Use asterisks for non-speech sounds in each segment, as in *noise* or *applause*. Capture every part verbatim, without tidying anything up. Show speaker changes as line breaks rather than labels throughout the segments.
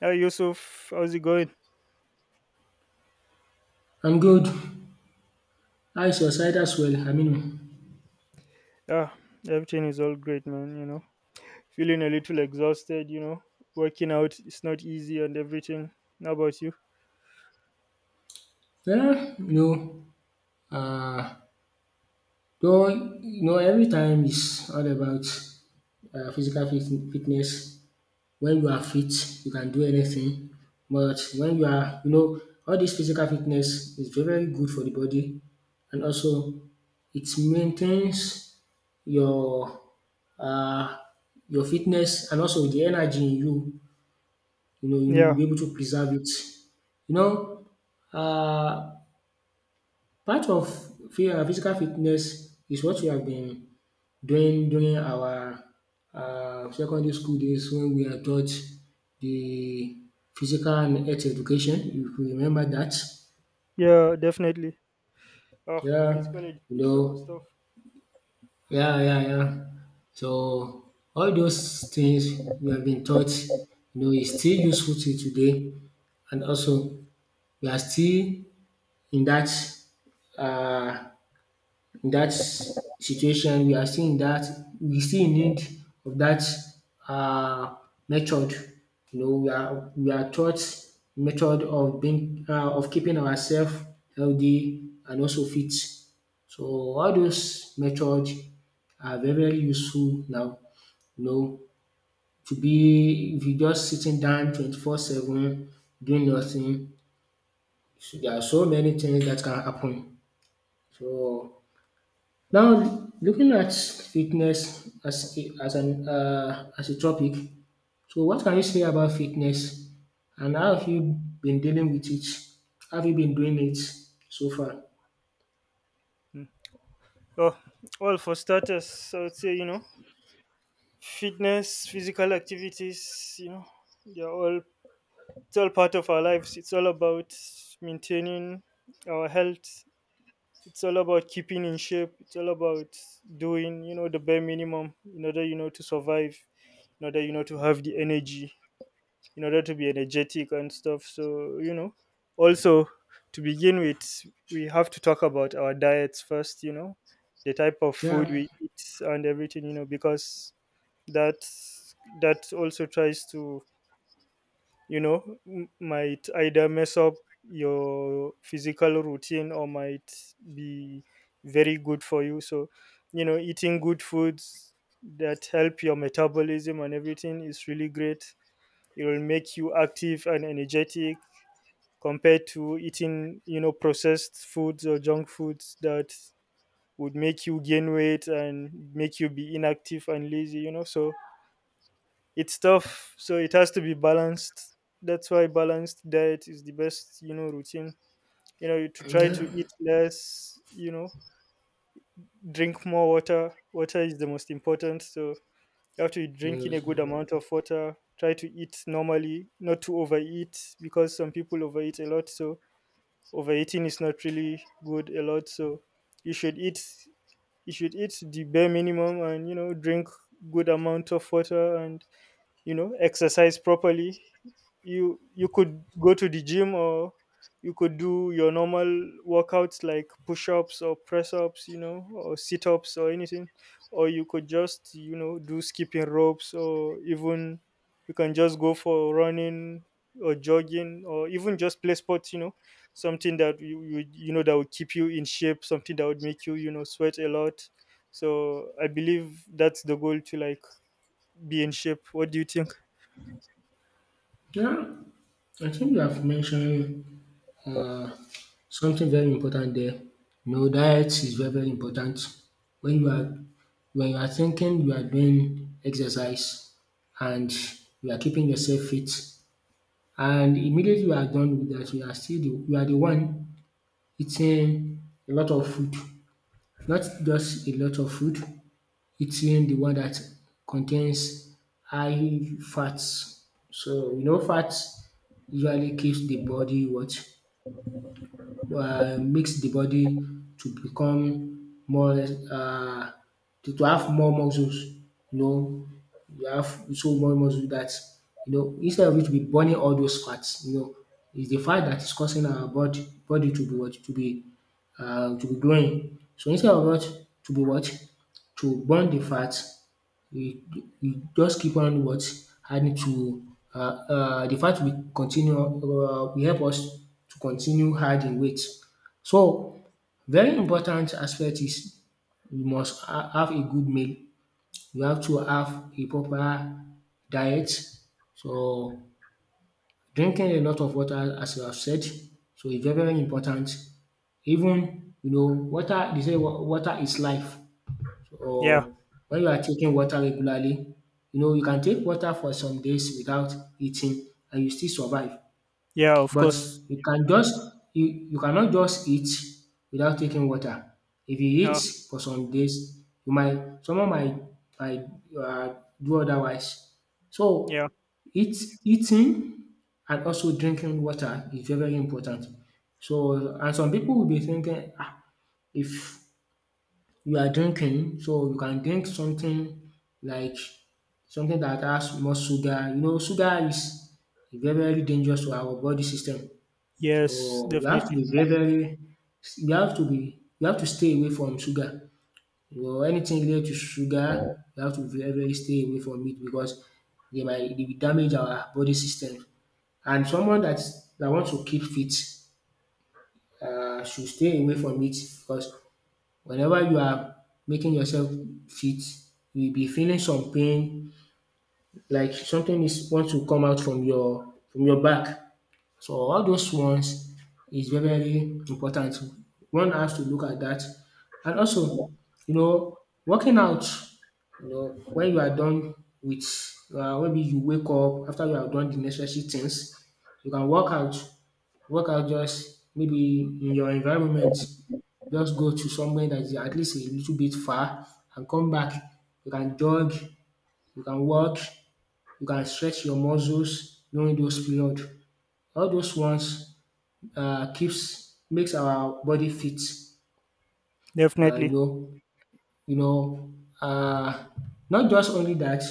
Hey Yusuf, how's it going?
I'm good. How is your side as well? Aminu?
Yeah, everything is all great, man. You know, feeling a little exhausted. You know, working out is not easy and everything. How about you?
Yeah, you know, uh, though, you know, every time is all about uh, physical fit fitness. When you are fit, you can do anything. But when you are, you know, all this physical fitness is very, very good for the body. And also, it maintains your uh, your fitness and also the energy in you. You know,
Yeah,
you'll be able to preserve it. You know, uh, Part of phy- uh, physical fitness is what we have been doing during our uh, secondary school days when we are taught the physical and health education. If you remember that,
yeah, definitely. Oh,
yeah,
physical
you
education was
know,
tough.
yeah, yeah, yeah. So all those things we have been taught, you know, is still useful till today, and also we are still in that, uh, in dat situation. We are still in dat, we still in need of that, uh, method, you know, we are we are taught method of being um of keeping ourselves healthy and also fit. So all those methods are very, very useful now, you know. To be, if you just sitting down twenty four seven doing nothing, so there are so many things that can happen. So now, looking at fitness as a, as an uh, as a topic, so what can you say about fitness, and how have you been dealing with it? Have you been doing it so far?
Mm. Oh, well, for starters, I would say you know, fitness, physical activities. You know, they're all it's all part of our lives. It's all about maintaining our health. It's all about keeping in shape. It's all about doing, you know, the bare minimum in order, you know, to survive, in order, you know, to have the energy, in order to be energetic and stuff. So, you know, also to begin with, we have to talk about our diets first, you know, the type of food
Yeah,
we eat and everything, you know, because that that also tries to you know m- might either mess up your physical routine or might be very good for you. So you know, eating good foods that help your metabolism and everything is really great. It will make you active and energetic, compared to eating, you know, processed foods or junk foods that would make you gain weight and make you be inactive and lazy, you know. So it's tough, so it has to be balanced. That's why balanced diet is the best, you know, routine. You know, to try to
yeah,
eat less, you know drink more water. Water is the most important, so you have to be drinking a
yes.
good amount of water, try to eat normally, not to overeat because some people overeat a lot. So overeating is not really good a lot, so you should eat you should eat the bare minimum and, you know, drink good amount of water and, you know, exercise properly. You you could go to the gym or you could do your normal workouts like push-ups or press-ups, you know, or sit-ups or anything, or you could just, you know, do skipping ropes, or even you can just go for running or jogging or even just play sports, you know, something that you you, you know that would keep you in shape, something that would make you, you know, sweat a lot. So I believe that's the goal, to like be in shape. What do you think?
Yeah, I think you have mentioned uh, something very important there. No, diet is very, very important. When you are when you are thinking, you are doing exercise, and you are keeping yourself fit. And immediately you are done with that, you are still the, you are the one eating a lot of food, not just a lot of food, eating the one that contains high fats. So you know, fats usually keeps the body what, uh, makes the body to become more, uh, to to have more muscles, you know. You have so more muscles that, you know, instead of it to be burning all those fats, you know, it's the fat that is causing our body body to be what, to be um to be growing. So instead of what, to be what, to burn the fat, we we just keep on what? Adding to uh uh the fact, we continue, um will help us to continue adding weight. So very important aspect is you must ha have a good meal. You have to have a proper diet. So drinking a lot of water, as you have said, so it's very, very important. Even, you know, water, they say wa- water is life. Or
Yeah,
when you are taking water regularly, you know, you can take water for some days without eating and you still survive.
yeah, of
But
course.
you can just, you, you cannot just eat without taking water. If you eat
Uh,
for some days, you might, someone might, might uh, do otherwise. So
yeah,
eat eating and also drinking water is very, very important. So and some people will be thinking, ah, if you are drinking, so you can drink something like something that has more sugar. You know, sugar is very, very dangerous to our body system.
yes,
So we have to
definitely,
be very, very, we have to be we have to stay away from sugar. You know, anything related to sugar, we have to very, very stay away from it because they might, they will damage our body system. And someone that that wants to keep fit uh, should stay away from it because whenever you are making yourself fit, you will be feeling some pain, like something is want to come out from your from your back. So all those ones is very, very important. One has to look at that. And also, you know, working out, you know, when you are done with, um maybe you wake up after you have done the necessary things, you can work out. Workout just maybe in your environment, just go to somewhere that is at least a little bit far and come back. You can jog, you can walk, you can stretch your muscles during those period. All those ones, uh, keeps makes our body fit. Uh, you
definitely.
know you know uh, Not just only that.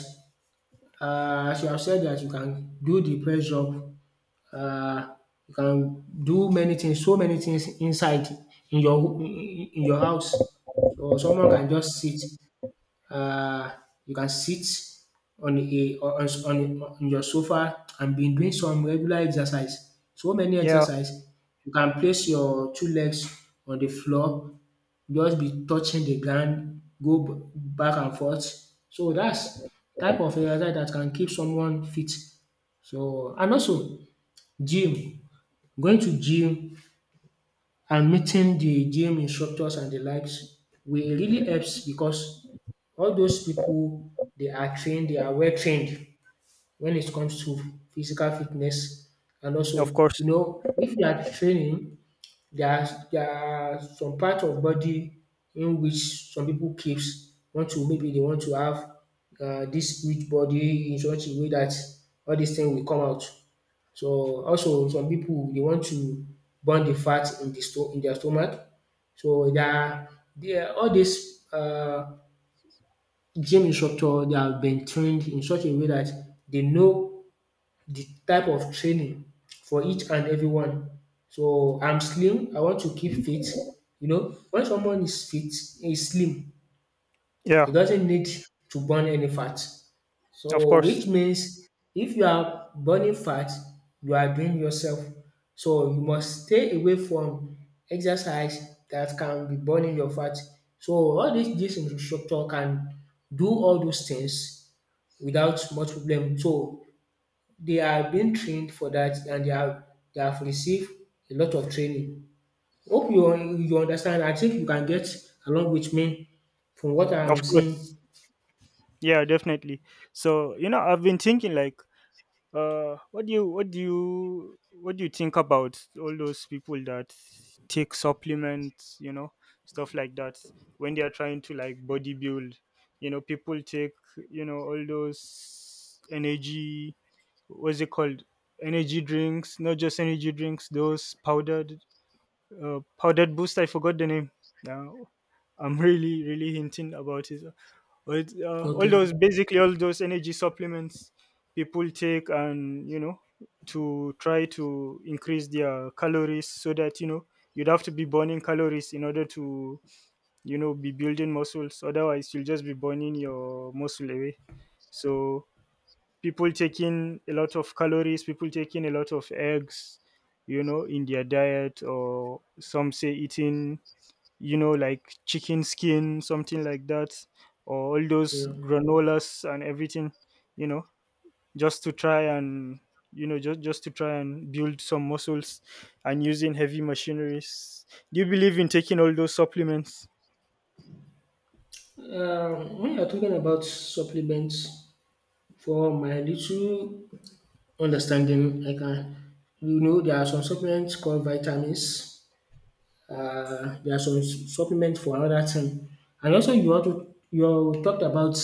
Uh, as you have said that you can do the press up. um you can do many things, so many things inside, in your ho in in- in your house. So someone can just sit, um you can sit on a, on on on your sofa and be doing some regular exercise. So many
Yeah,
exercise. You can place your two legs on the floor, just be touching the ground, go b back and forth. So that's type of exercise that can keep someone fit. So and also gym. Going to gym and meeting the gym instructors and the likes will really helps because all those people, they are trained, they are well trained when it comes to physical fitness. And
of
also,
course.
you know, if they are training, there are, there are some part of body in which some people keeps, want to, maybe they want to have uh, this huge body in such a way that all these things will come out. So also some people they want to burn the fat in the sto in their stomach. So they are, they are all dis uh gym instructor, they have been trained in such a way that they know the type of training for each and everyone. So I'm slim, I want to keep fit. You know, when someone is fit, is slim, it
Yeah,
doesn't need to burn any fat.
of
So
course,
which means if you are burning fat, you are doing yourself. So you must stay away from exercise that can be burning your fat. So all this this instructor can do all those things without much problem. So they are being trained for that and they have they have received a lot of training. Hope you you understand. I think you can get along with me from what I'm
of
saying.
course. Yeah, definitely. So you know, I've been thinking like, uh, what do you, what do you, what do you think about all those people that take supplements, you know, stuff like that, when they are trying to like bodybuild? You know, people take, you know, all those energy, what's it called, energy drinks. Not just energy drinks, those powdered uh, powdered boost. I forgot the name now. I'm *laughs* really really hinting about it. But uh, all
Okay.
those, basically all those energy supplements people take. And, you know, to try to increase their calories, so that, you know, you'd have to be burning calories in order to, you know, be building muscles, otherwise you'll just be burning your muscle away. So people taking a lot of calories, people taking a lot of eggs, you know, in their diet, or some say eating, you know, like chicken skin, something like that, or all those
Yeah.
granolas and everything, you know, just to try and you know, just just to try and build some muscles, and using heavy machineries. Do you believe in taking all those supplements?
Um, when you're talking about supplements, for my little understanding, I can, you know, there are some supplements called vitamins. Uh, there are some s- supplements for another thing, and also you want to you talked about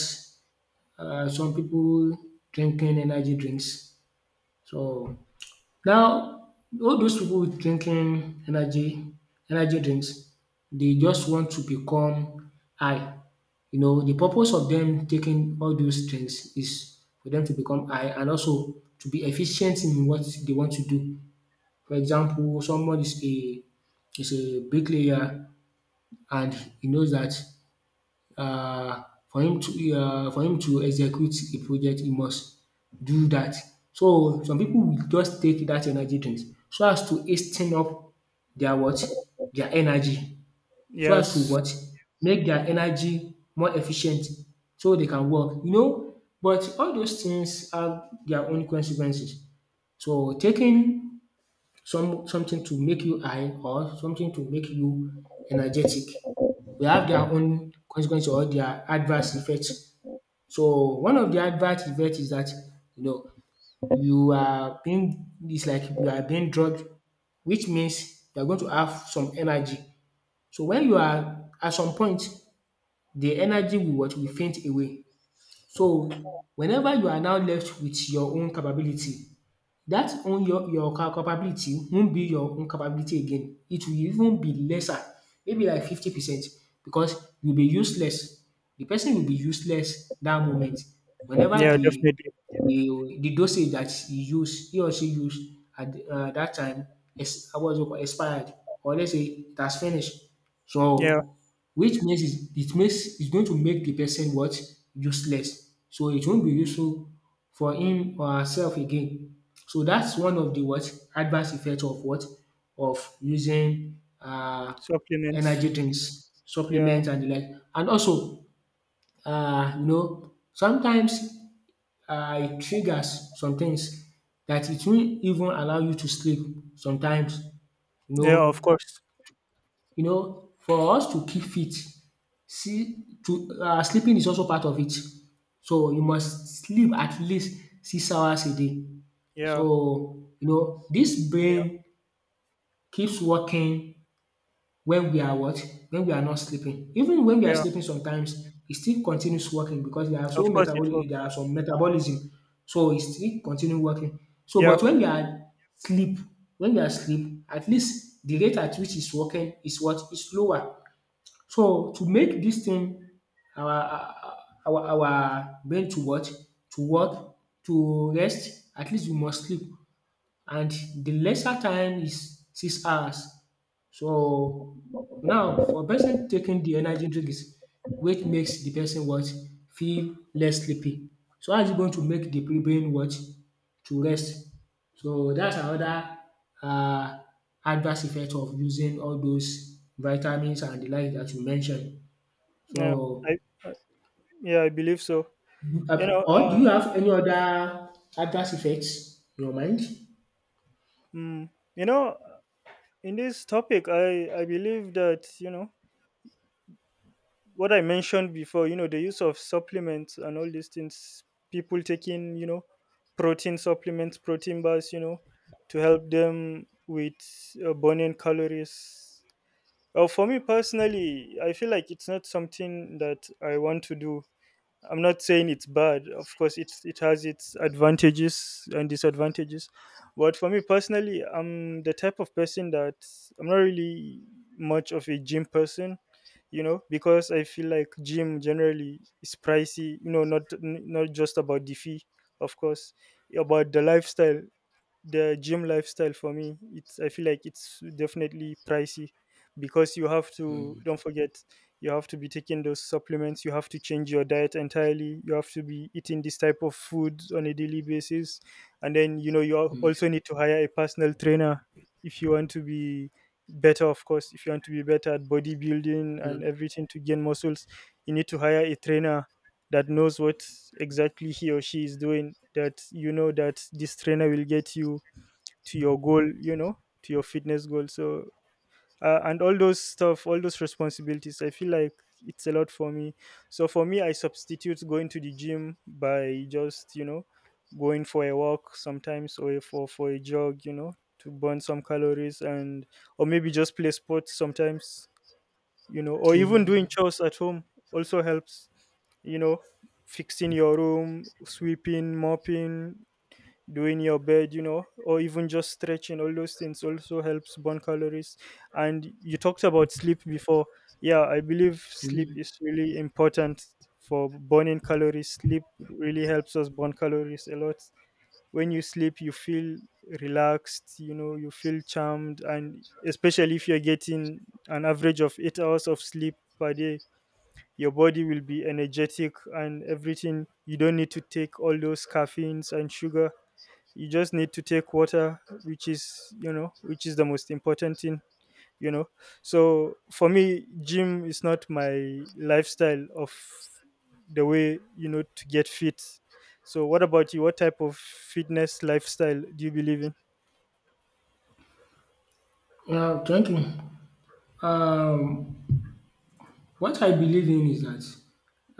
uh, some people drinking energy drinks. So now all those pipu drinking energy energy drinks, they just want to become high. You know, the purpose of them taking all those drinks is for them to become high and also to be efficient in what they want to do. For example, someone is a, is a bricklayer, and he knows that. Uh, for him to, uh, for him to execute a project, he must do that. So some people will just take that energy drink so as to haste up their what, their energy, so as to
Yes.
what, make their energy more efficient so they can work, you know. But all those things have their own consequences. So taking some, something to make you high or something to make you energetic, will have their own consequence or their adverse effects. So one of the adverse effects is that, you know, you are being, is like you are being drugged, which means you are going to have some energy. So when you are at some point, the energy will what, will faint away. So whenever you are now left with your own capability, that own, your your ca capability won't be your own capability again. It will even be lesser, maybe like fifty percent, because you'll be useless. The person will be useless that moment. Whenever
Yeah,
the,
definitely.
the the dosage that he use, he or she use at um that time is, I was expired, or let's say it has finished.
Yeah,
So which means it it makes, it's going to make the person what, useless. So it won't be useful for him or herself again. So that's one of the what adverse effect of what, of using uh
supplements.
energy drinks,
Yeah,
supplements, and the like. And also, uh you know, sometimes, uh it triggers some things that it won't even allow you to sleep sometimes, you
yeah,
know.
of course.
You know, for us to keep fit, see, to uh sleeping is also part of it. So you must sleep at least six hours a day.
Yeah.
So you know, this brain keeps working when we are what? When we are not sleeping. Even when we are
Yeah,
sleeping, sometimes it still continues working, because there are
of
so
course it
metabolic, there
works.
are some metabolism, so it still continue working. So
Yeah,
but when we are sleep, when we are sleep, at least the rate at which is working is what? Is lower. So to make this thing, our, our our brain to what? To work, to rest, at least we must sleep, and the lesser time is six hours. So now for a person taking the energy drink is which makes the person what, feel less sleepy. So how is it going to make the brain what to rest? So that's another uh adverse effect of using all those vitamins and the like that you mentioned.
yeah,
So
I, yeah, I believe so.
you-
You
uh,
know,
or do you
uh,
have any other adverse effects in your mind?
mm, you know, in this topic, I I believe that, you know, what I mentioned before. You know, the use of supplements and all these things. People taking, you know, protein supplements, protein bars. You know, to help them with uh, burning calories. Uh, for me personally, I feel like it's not something that I want to do. I'm not saying it's bad. Of course, it's it has its advantages and disadvantages. But for me personally, I'm the type of person that I'm not really much of a gym person, you know, because I feel like gym generally is pricey. You know, not n- not just about the fee, of course, about the lifestyle. The gym lifestyle for me, it's, I feel like it's definitely pricey because you have to, don't forget, you have to be taking those supplements, you have to change your diet entirely, you have to be eating this type of food on a daily basis. And then, you know, you al- also need to hire a personal trainer if you want to be better. Of course, if you want to be better at bodybuilding
Yeah.
and everything, to gain muscles, you need to hire a trainer that knows what exactly he or she is doing, that, you know, that this trainer will get you to your goal, you know, to your fitness goal. So uh, and all those stuff, all those responsibilities, I feel like it's a lot for me. So for me, I substitute going to the gym by just, you know, going for a walk sometimes, or for for a jog, you know, to burn some calories, and or maybe just play sports sometimes, you know, or even
Okay.
doing chores at home also helps. You know, fixing your room, sweeping, mopping, doing your bed, you know, or even just stretching, all those things also helps burn calories. And you talked about sleep before. Yeah, I believe sleep
Hmm.
is really important for burning calories. Sleep really helps us burn calories a lot. When you sleep, you feel relaxed, you know, you feel charmed, and especially if you're getting an average of eight hours of sleep per day, your body will be energetic and everything. You don't need to take all those caffeines and sugar. You just need to take water, which is, you know, which is the most important thing, you know. So for me, gym is not my lifestyle of the way, you know, to get fit. So what about you? What type of fitness lifestyle do you believe
Yeah, thank you. Um, what I believe in is that,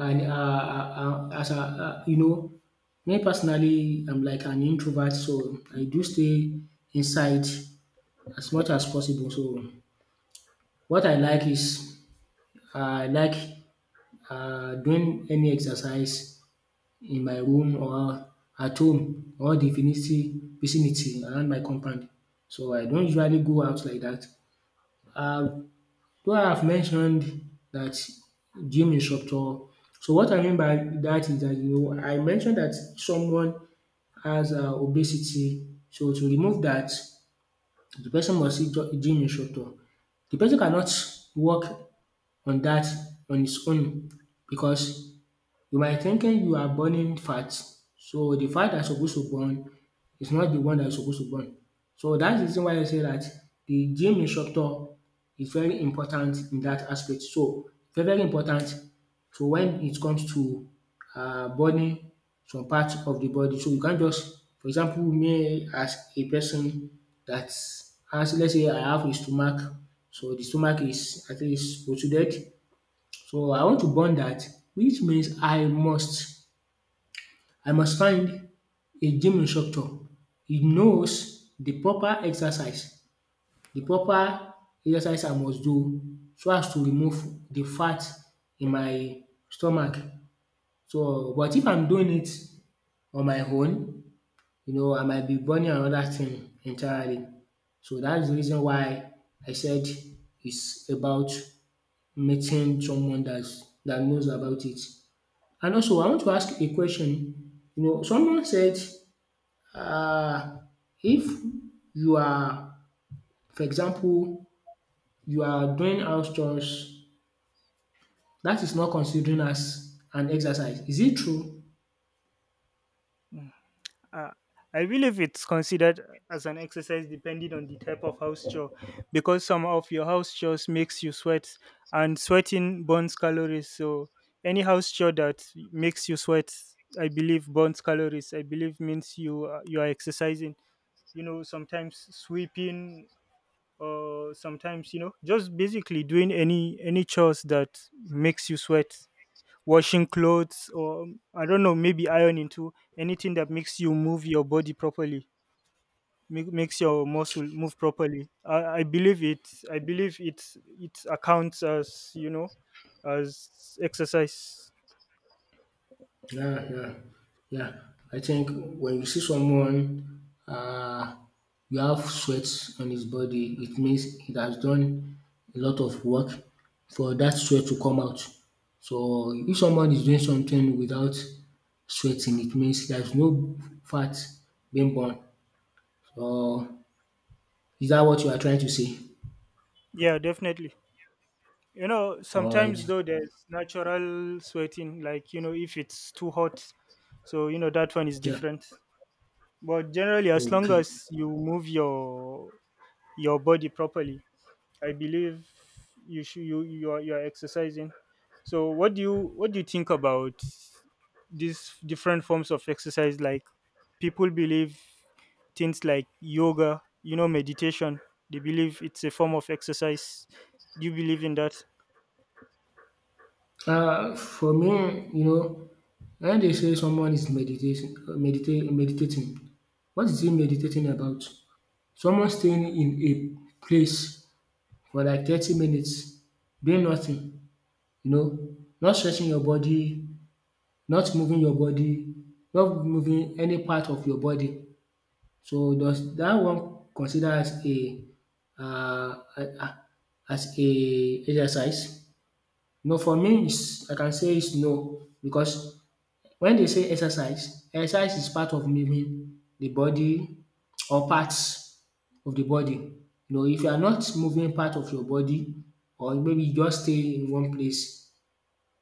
and uh, uh, uh, as a uh, you know, me personally, I'm like an introvert, so I do stay inside as much as possible. So what I like is, uh, I like, uh, doing any exercise in my room or at home or the vicinity vicinity around my compound. So I don't usually go out like that. Uh, Though I have mentioned that gym instructor, so what I mean by that is that, you know, I mentioned that someone has um obesity. So to remove that, the person must see jo- gym instructor. The person cannot work on that on his own, because you might thinking you are burning fat. So the fat that supposed to burn is not the one that is supposed to burn. So that's the reason why I say that the gym instructor is very important in that aspect. So very, very important. So when it comes to uh, burning some parts of the body. So you can't just, for example, me as a person that has, let's say, I have a stomach. So the stomach is at least protruded, so I want to burn that, which means I must I must find a gym instructor. He knows the proper exercise, the proper exercise I must do so as to remove the fat in my stomach. So but if I'm doing it on my own, you know, I might be burning another thing entirely. So that's the reason why I said it's about meeting someone that's that knows about it. And also I want to ask a question, you know someone said um if you are, for example, you are doing house chores, that is not considering as an exercise, is it true?
in? Uh, I believe it's considered as an exercise depending on the type of house chore, because some of your house chores makes you sweat, and sweating burns calories. So any house chore that makes you sweat, I believe burns calories. I believe means you are- you are exercising. You know, sometimes sweeping, or sometimes, you know, just basically doing any any chores that makes you sweat, washing clothes, or I don't know, maybe ironing too, anything that makes you move your body properly, make, makes your muscle move properly, I, I believe it I believe it's, it accounts as, you know, as exercise.
Yeah, yeah, yeah. I think when you see someone, uh, you have sweat on his body, it means he has done a lot of work for that sweat to come out. So if someone is doing something without sweating, it means there's no fat being born. So is that what you are trying to say?
Yeah, definitely. You know,
All
sometimes
right.
though there's natural sweating, like, you know, if it's too hot, so you know that one is
Yeah.
different, but generally as long
Okay.
as you move your your body properly, I believe you should, you, you are, you are exercising. So what do you, what do you think about these different forms of exercise? Like, people believe things like yoga, you know, meditation. They believe it's a form of exercise. Do you believe in that?
Uh, for me, you know, when they say someone is meditating, medita- meditating, what is he meditating about? Someone staying in a place for like thirty minutes, doing nothing, you know, not stretching your body, not moving your body, not moving any part of your body. So does that one consider as a uh, uh, as a exercise? No, for me, it's, I can say it's no because when they say exercise, exercise is part of moving the body or parts of the body. You know, if you are not moving part of your body or maybe you just stay in one place,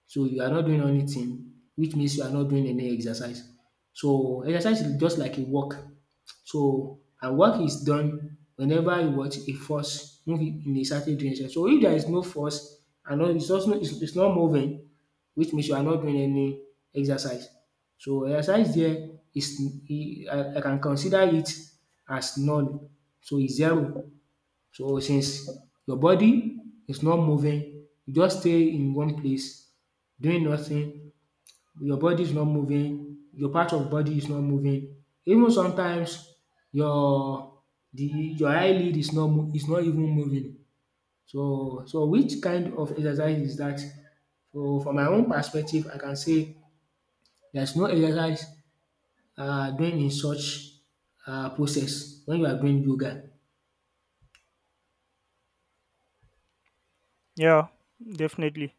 so you are not doing anything, which means you are not doing any exercise. So exercise is just like a walk. So and work is done whenever you watch a force move in a certain direction. So if there is no force and no, it's also, it's it's not moving, which means you are not doing any exercise. So exercise there is, e I I can consider it as null. So it's zero. So since your body is not moving, you just stay in one place doing nothing, your body is not moving, your part of body is not moving. Even sometimes your, the, your eyelid is not mo is not even moving. So so which kind of exercise is that? So from my own perspective I can say there's no exercise um doing in such um process when you are doing yoga.
Yeah, definitely.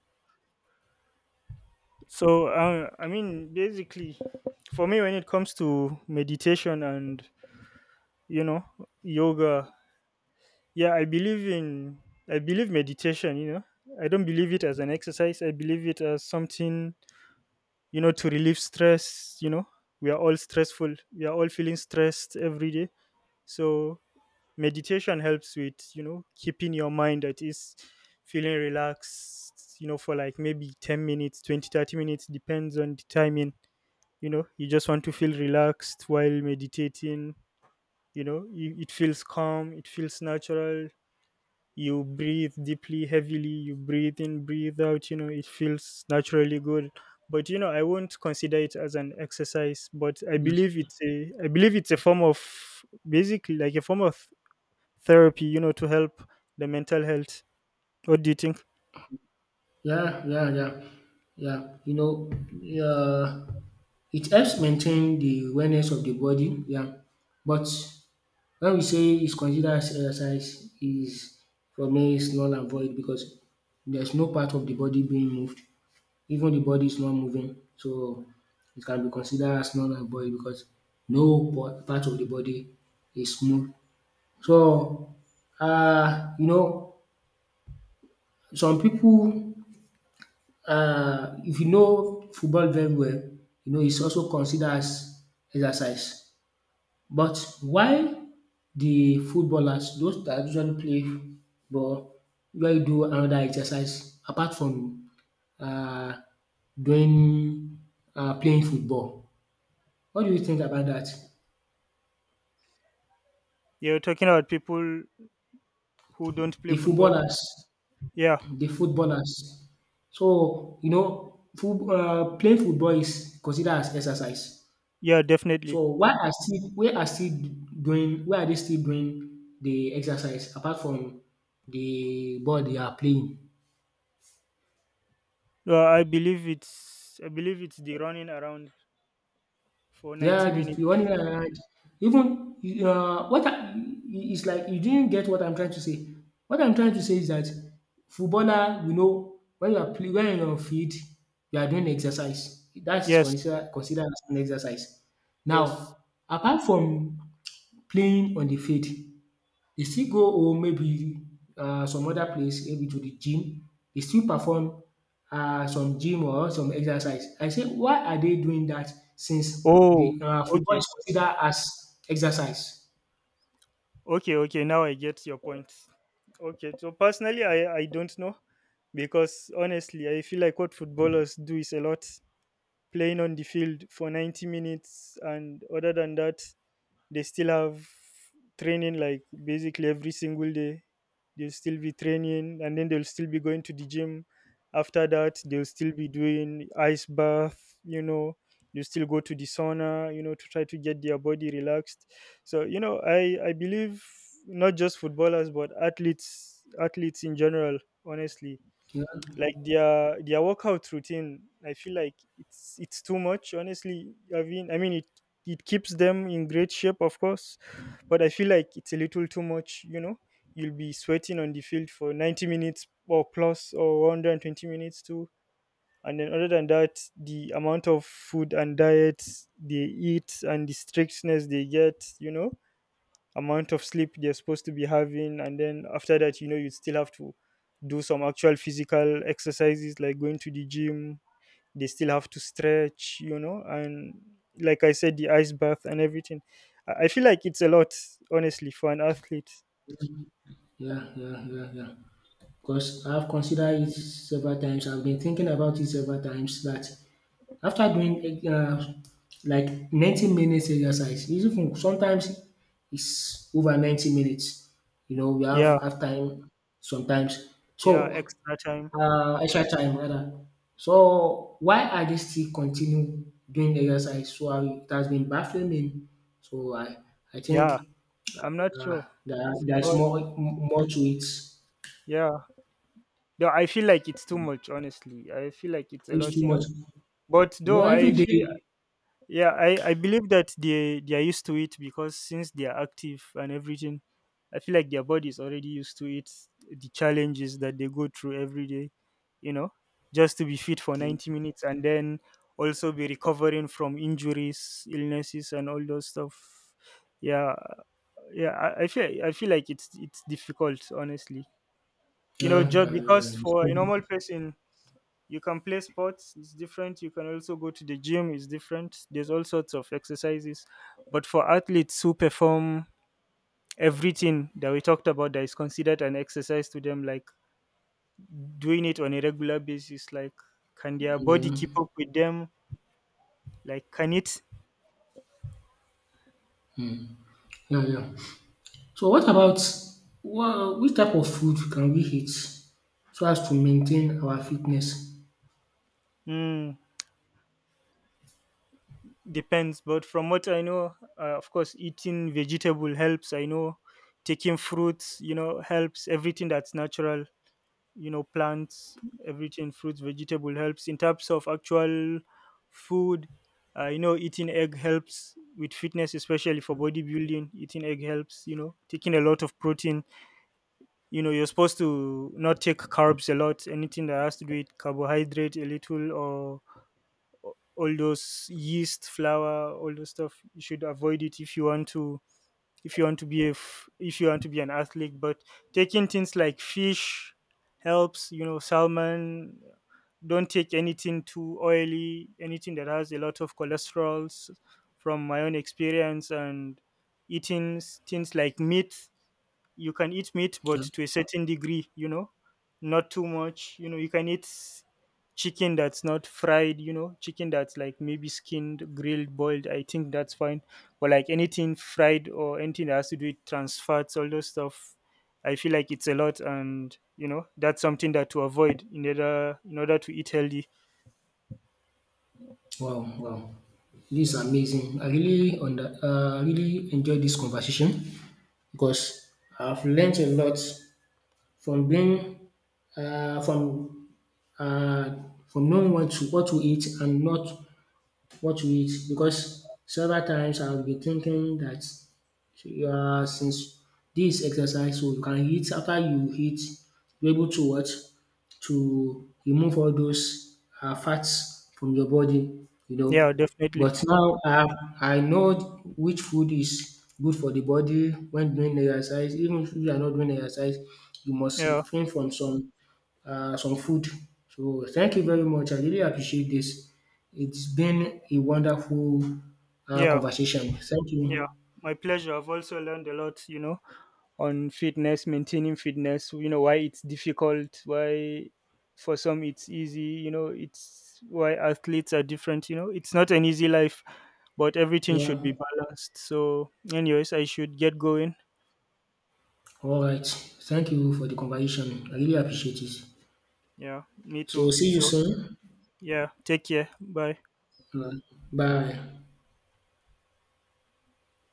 So uh, I mean, basically, for me, when it comes to meditation and, you know, yoga, yeah, I believe in, I believe meditation, you know, I don't believe it as an exercise. I believe it as something, you know, to relieve stress. You know, we are all stressful, we are all feeling stressed every day. So meditation helps with, you know, keeping your mind at ease, feeling relaxed, you know, for like maybe ten minutes, twenty, thirty minutes, depends on the timing. You know, you just want to feel relaxed while meditating. You know, you, it feels calm, it feels natural. You breathe deeply, heavily, you breathe in, breathe out. You know, it feels naturally good. But you know, I won't consider it as an exercise, but I
Yes.
believe it's a, I believe it's a form of, basically like a form of therapy, you know, to help the mental health. What do you think?
Yeah, yeah, yeah, yeah. You know, um it helps maintain the awareness of the body, yeah, but when we say it's considered as exercise is, for me it's null and void because there's no part of the body being moved. Even the body is not moving. So it can be considered as null and void because no po- part of the body is moved. So um you know, some people, um if you know football very well, you know it's also considered as exercise. But why the footballers, those that usually play ball, usually do another exercise apart from uh doing uh playing football? What do you think about that?
You're talking about people who don't play
The
football?
footballers,
Yeah,
the footballers. So you know foot um playing football is considered as exercise.
yeah,
So
definitely.
why are still why are still doing why are they still doing the exercise apart from the ball they are playing?
Well, I believe it's, I believe it's the running around for ninety
Yeah, the
minutes.
the running around, even, uh, what I, it's like you didn't get what I'm trying to say. What I'm trying to say is that footballer, you know, when you are play, when you're on field, you are doing exercise. That's
Yes,
considered considered as an exercise.
yes.
Now, apart from playing on the field, they still go home, maybe um some other place, maybe to the gym, they still perform um some gym or some exercise. I say why are they doing that since
Oh,
the um football
okay.
is considered as exercise?
Okay, okay, now I get your point. Okay, so personally, I, I don't know because honestly, I feel like what footballers do is a lot playing on the field for ninety minutes, and other than that, they still have training, like basically every single day. They'll still be training and then they'll still be going to the gym. After that they'll still be doing ice bath you know They will still go to the sauna, you know, to try to get their body relaxed. So you know, i i believe not just footballers but athletes athletes in general, honestly.
Yeah,
Like their their workout routine, I feel like it's it's too much, honestly. I mean i mean it it keeps them in great shape, of course, but I feel like it's a little too much, you know. You'll be sweating on the field for ninety minutes or plus, or one hundred twenty minutes too, and then other than that, the amount of food and diet they eat and the strictness they get, you know, amount of sleep they're supposed to be having, and then after that you know, you still have to do some actual physical exercises like going to the gym. They still have to stretch, you know, and like I said, the ice bath and everything. I I feel like it's a lot, honestly, for an athlete.
yeah, yeah, yeah, yeah. Because I've considered it several times. I've been thinking about it several times that after doing uh, like ninety minutes exercise, even sometimes it's over ninety minutes. You know, we
Yeah.
have half time sometimes.
Yeah,
So,
extra time.
uh, extra time rather. So, why are they still continue doing exercise? So, I, it has been baffling me. So, I, I
Yeah,
think
I'm not
uh,
sure,
there, there's
but
more, more to it.
yeah, though I feel like it's too much, honestly. I feel like it's a
It's
lot,
too
you know.
much.
But
You know,
though I
every
feel,
day.
yeah, i i believe that they they are used to it because since they are active and everything, I feel like their body is already used to it, the challenges that they go through every day, you know, just to be fit for
Mm.
ninety minutes, and then also be recovering from injuries, illnesses and all those stuff. Yeah. Yeah, i, I feel, i feel like it's it's difficult, honestly, you know,
Yeah,
just
yeah, yeah,
because
yeah. It's
for
very
a normal
difficult.
person, you can play sports, it's different. You can also go to the gym, it's different. There's all sorts of exercises. But for athletes who perform everything that we talked about, that is considered an exercise to them, like doing it on a regular basis, like, can their body keep
Yeah,
up with them? Like, can it?
yeah, yeah. So, what about what, which type of food can we eat so as to maintain our fitness?
Mm, depends. But from what I know, uh, of course, eating vegetable helps. I know taking fruits, you know, helps, everything that's natural, you know, plants, everything, fruits, vegetable helps in terms of actual food. Uh, you know, eating egg helps with fitness, especially for bodybuilding. Eating egg helps, you know, taking a lot of protein, you know. You're supposed to not take carbs a lot, anything that has to do with carbohydrate, a little, or or all those yeast, flour, all those stuff, you should avoid it if you want to, if you want to be a f- if you want to be an athlete. But taking things like fish helps, you know, salmon. Don't take anything too oily, anything that has a lot of cholesterols, from my own experience. And eating s- things like meat, you can eat meat but
Yeah.
to a certain degree, you know, not too much, you know. You can eat chicken that's not fried, you know, chicken that's like maybe skinned, grilled, boiled, I think that's fine. But like anything fried or anything that has to do with trans fats, all those stuff, I feel like it's a lot. And you know, that's something that to avoid in order, in order to eat healthy.
Wow, wow. This is amazing. I really under, uh, really enjoyed this conversation because I've learned a lot from being uh, from, uh, from knowing what to what to eat and not what to eat, because several times I'll be thinking that. So, yeah, since this exercise, so you can hit, after you hit, you're able to what, to remove all those uh, fats from your body, you
Yeah,
know.
definitely.
But now I have, I know which food is good for the body when doing exercise. Even if you are not doing exercise, you must
Yeah.
refrain from some uh, some food. So thank you very much. I really appreciate this. It's been a wonderful uh,
Yeah.
conversation. Thank
Yeah,
you.
my pleasure. I've also learned a lot, you know, on fitness, maintaining fitness, you know, why it's difficult, why for some it's easy, you know, it's why athletes are different, you know. It's not an easy life, but everything should
Yeah.
be balanced. So, anyways, I should get going.
All right. Thank you for the conversation. I really appreciate it.
Yeah, me
So
too.
see you
So,
soon.
yeah, take care. Bye.
Uh, bye.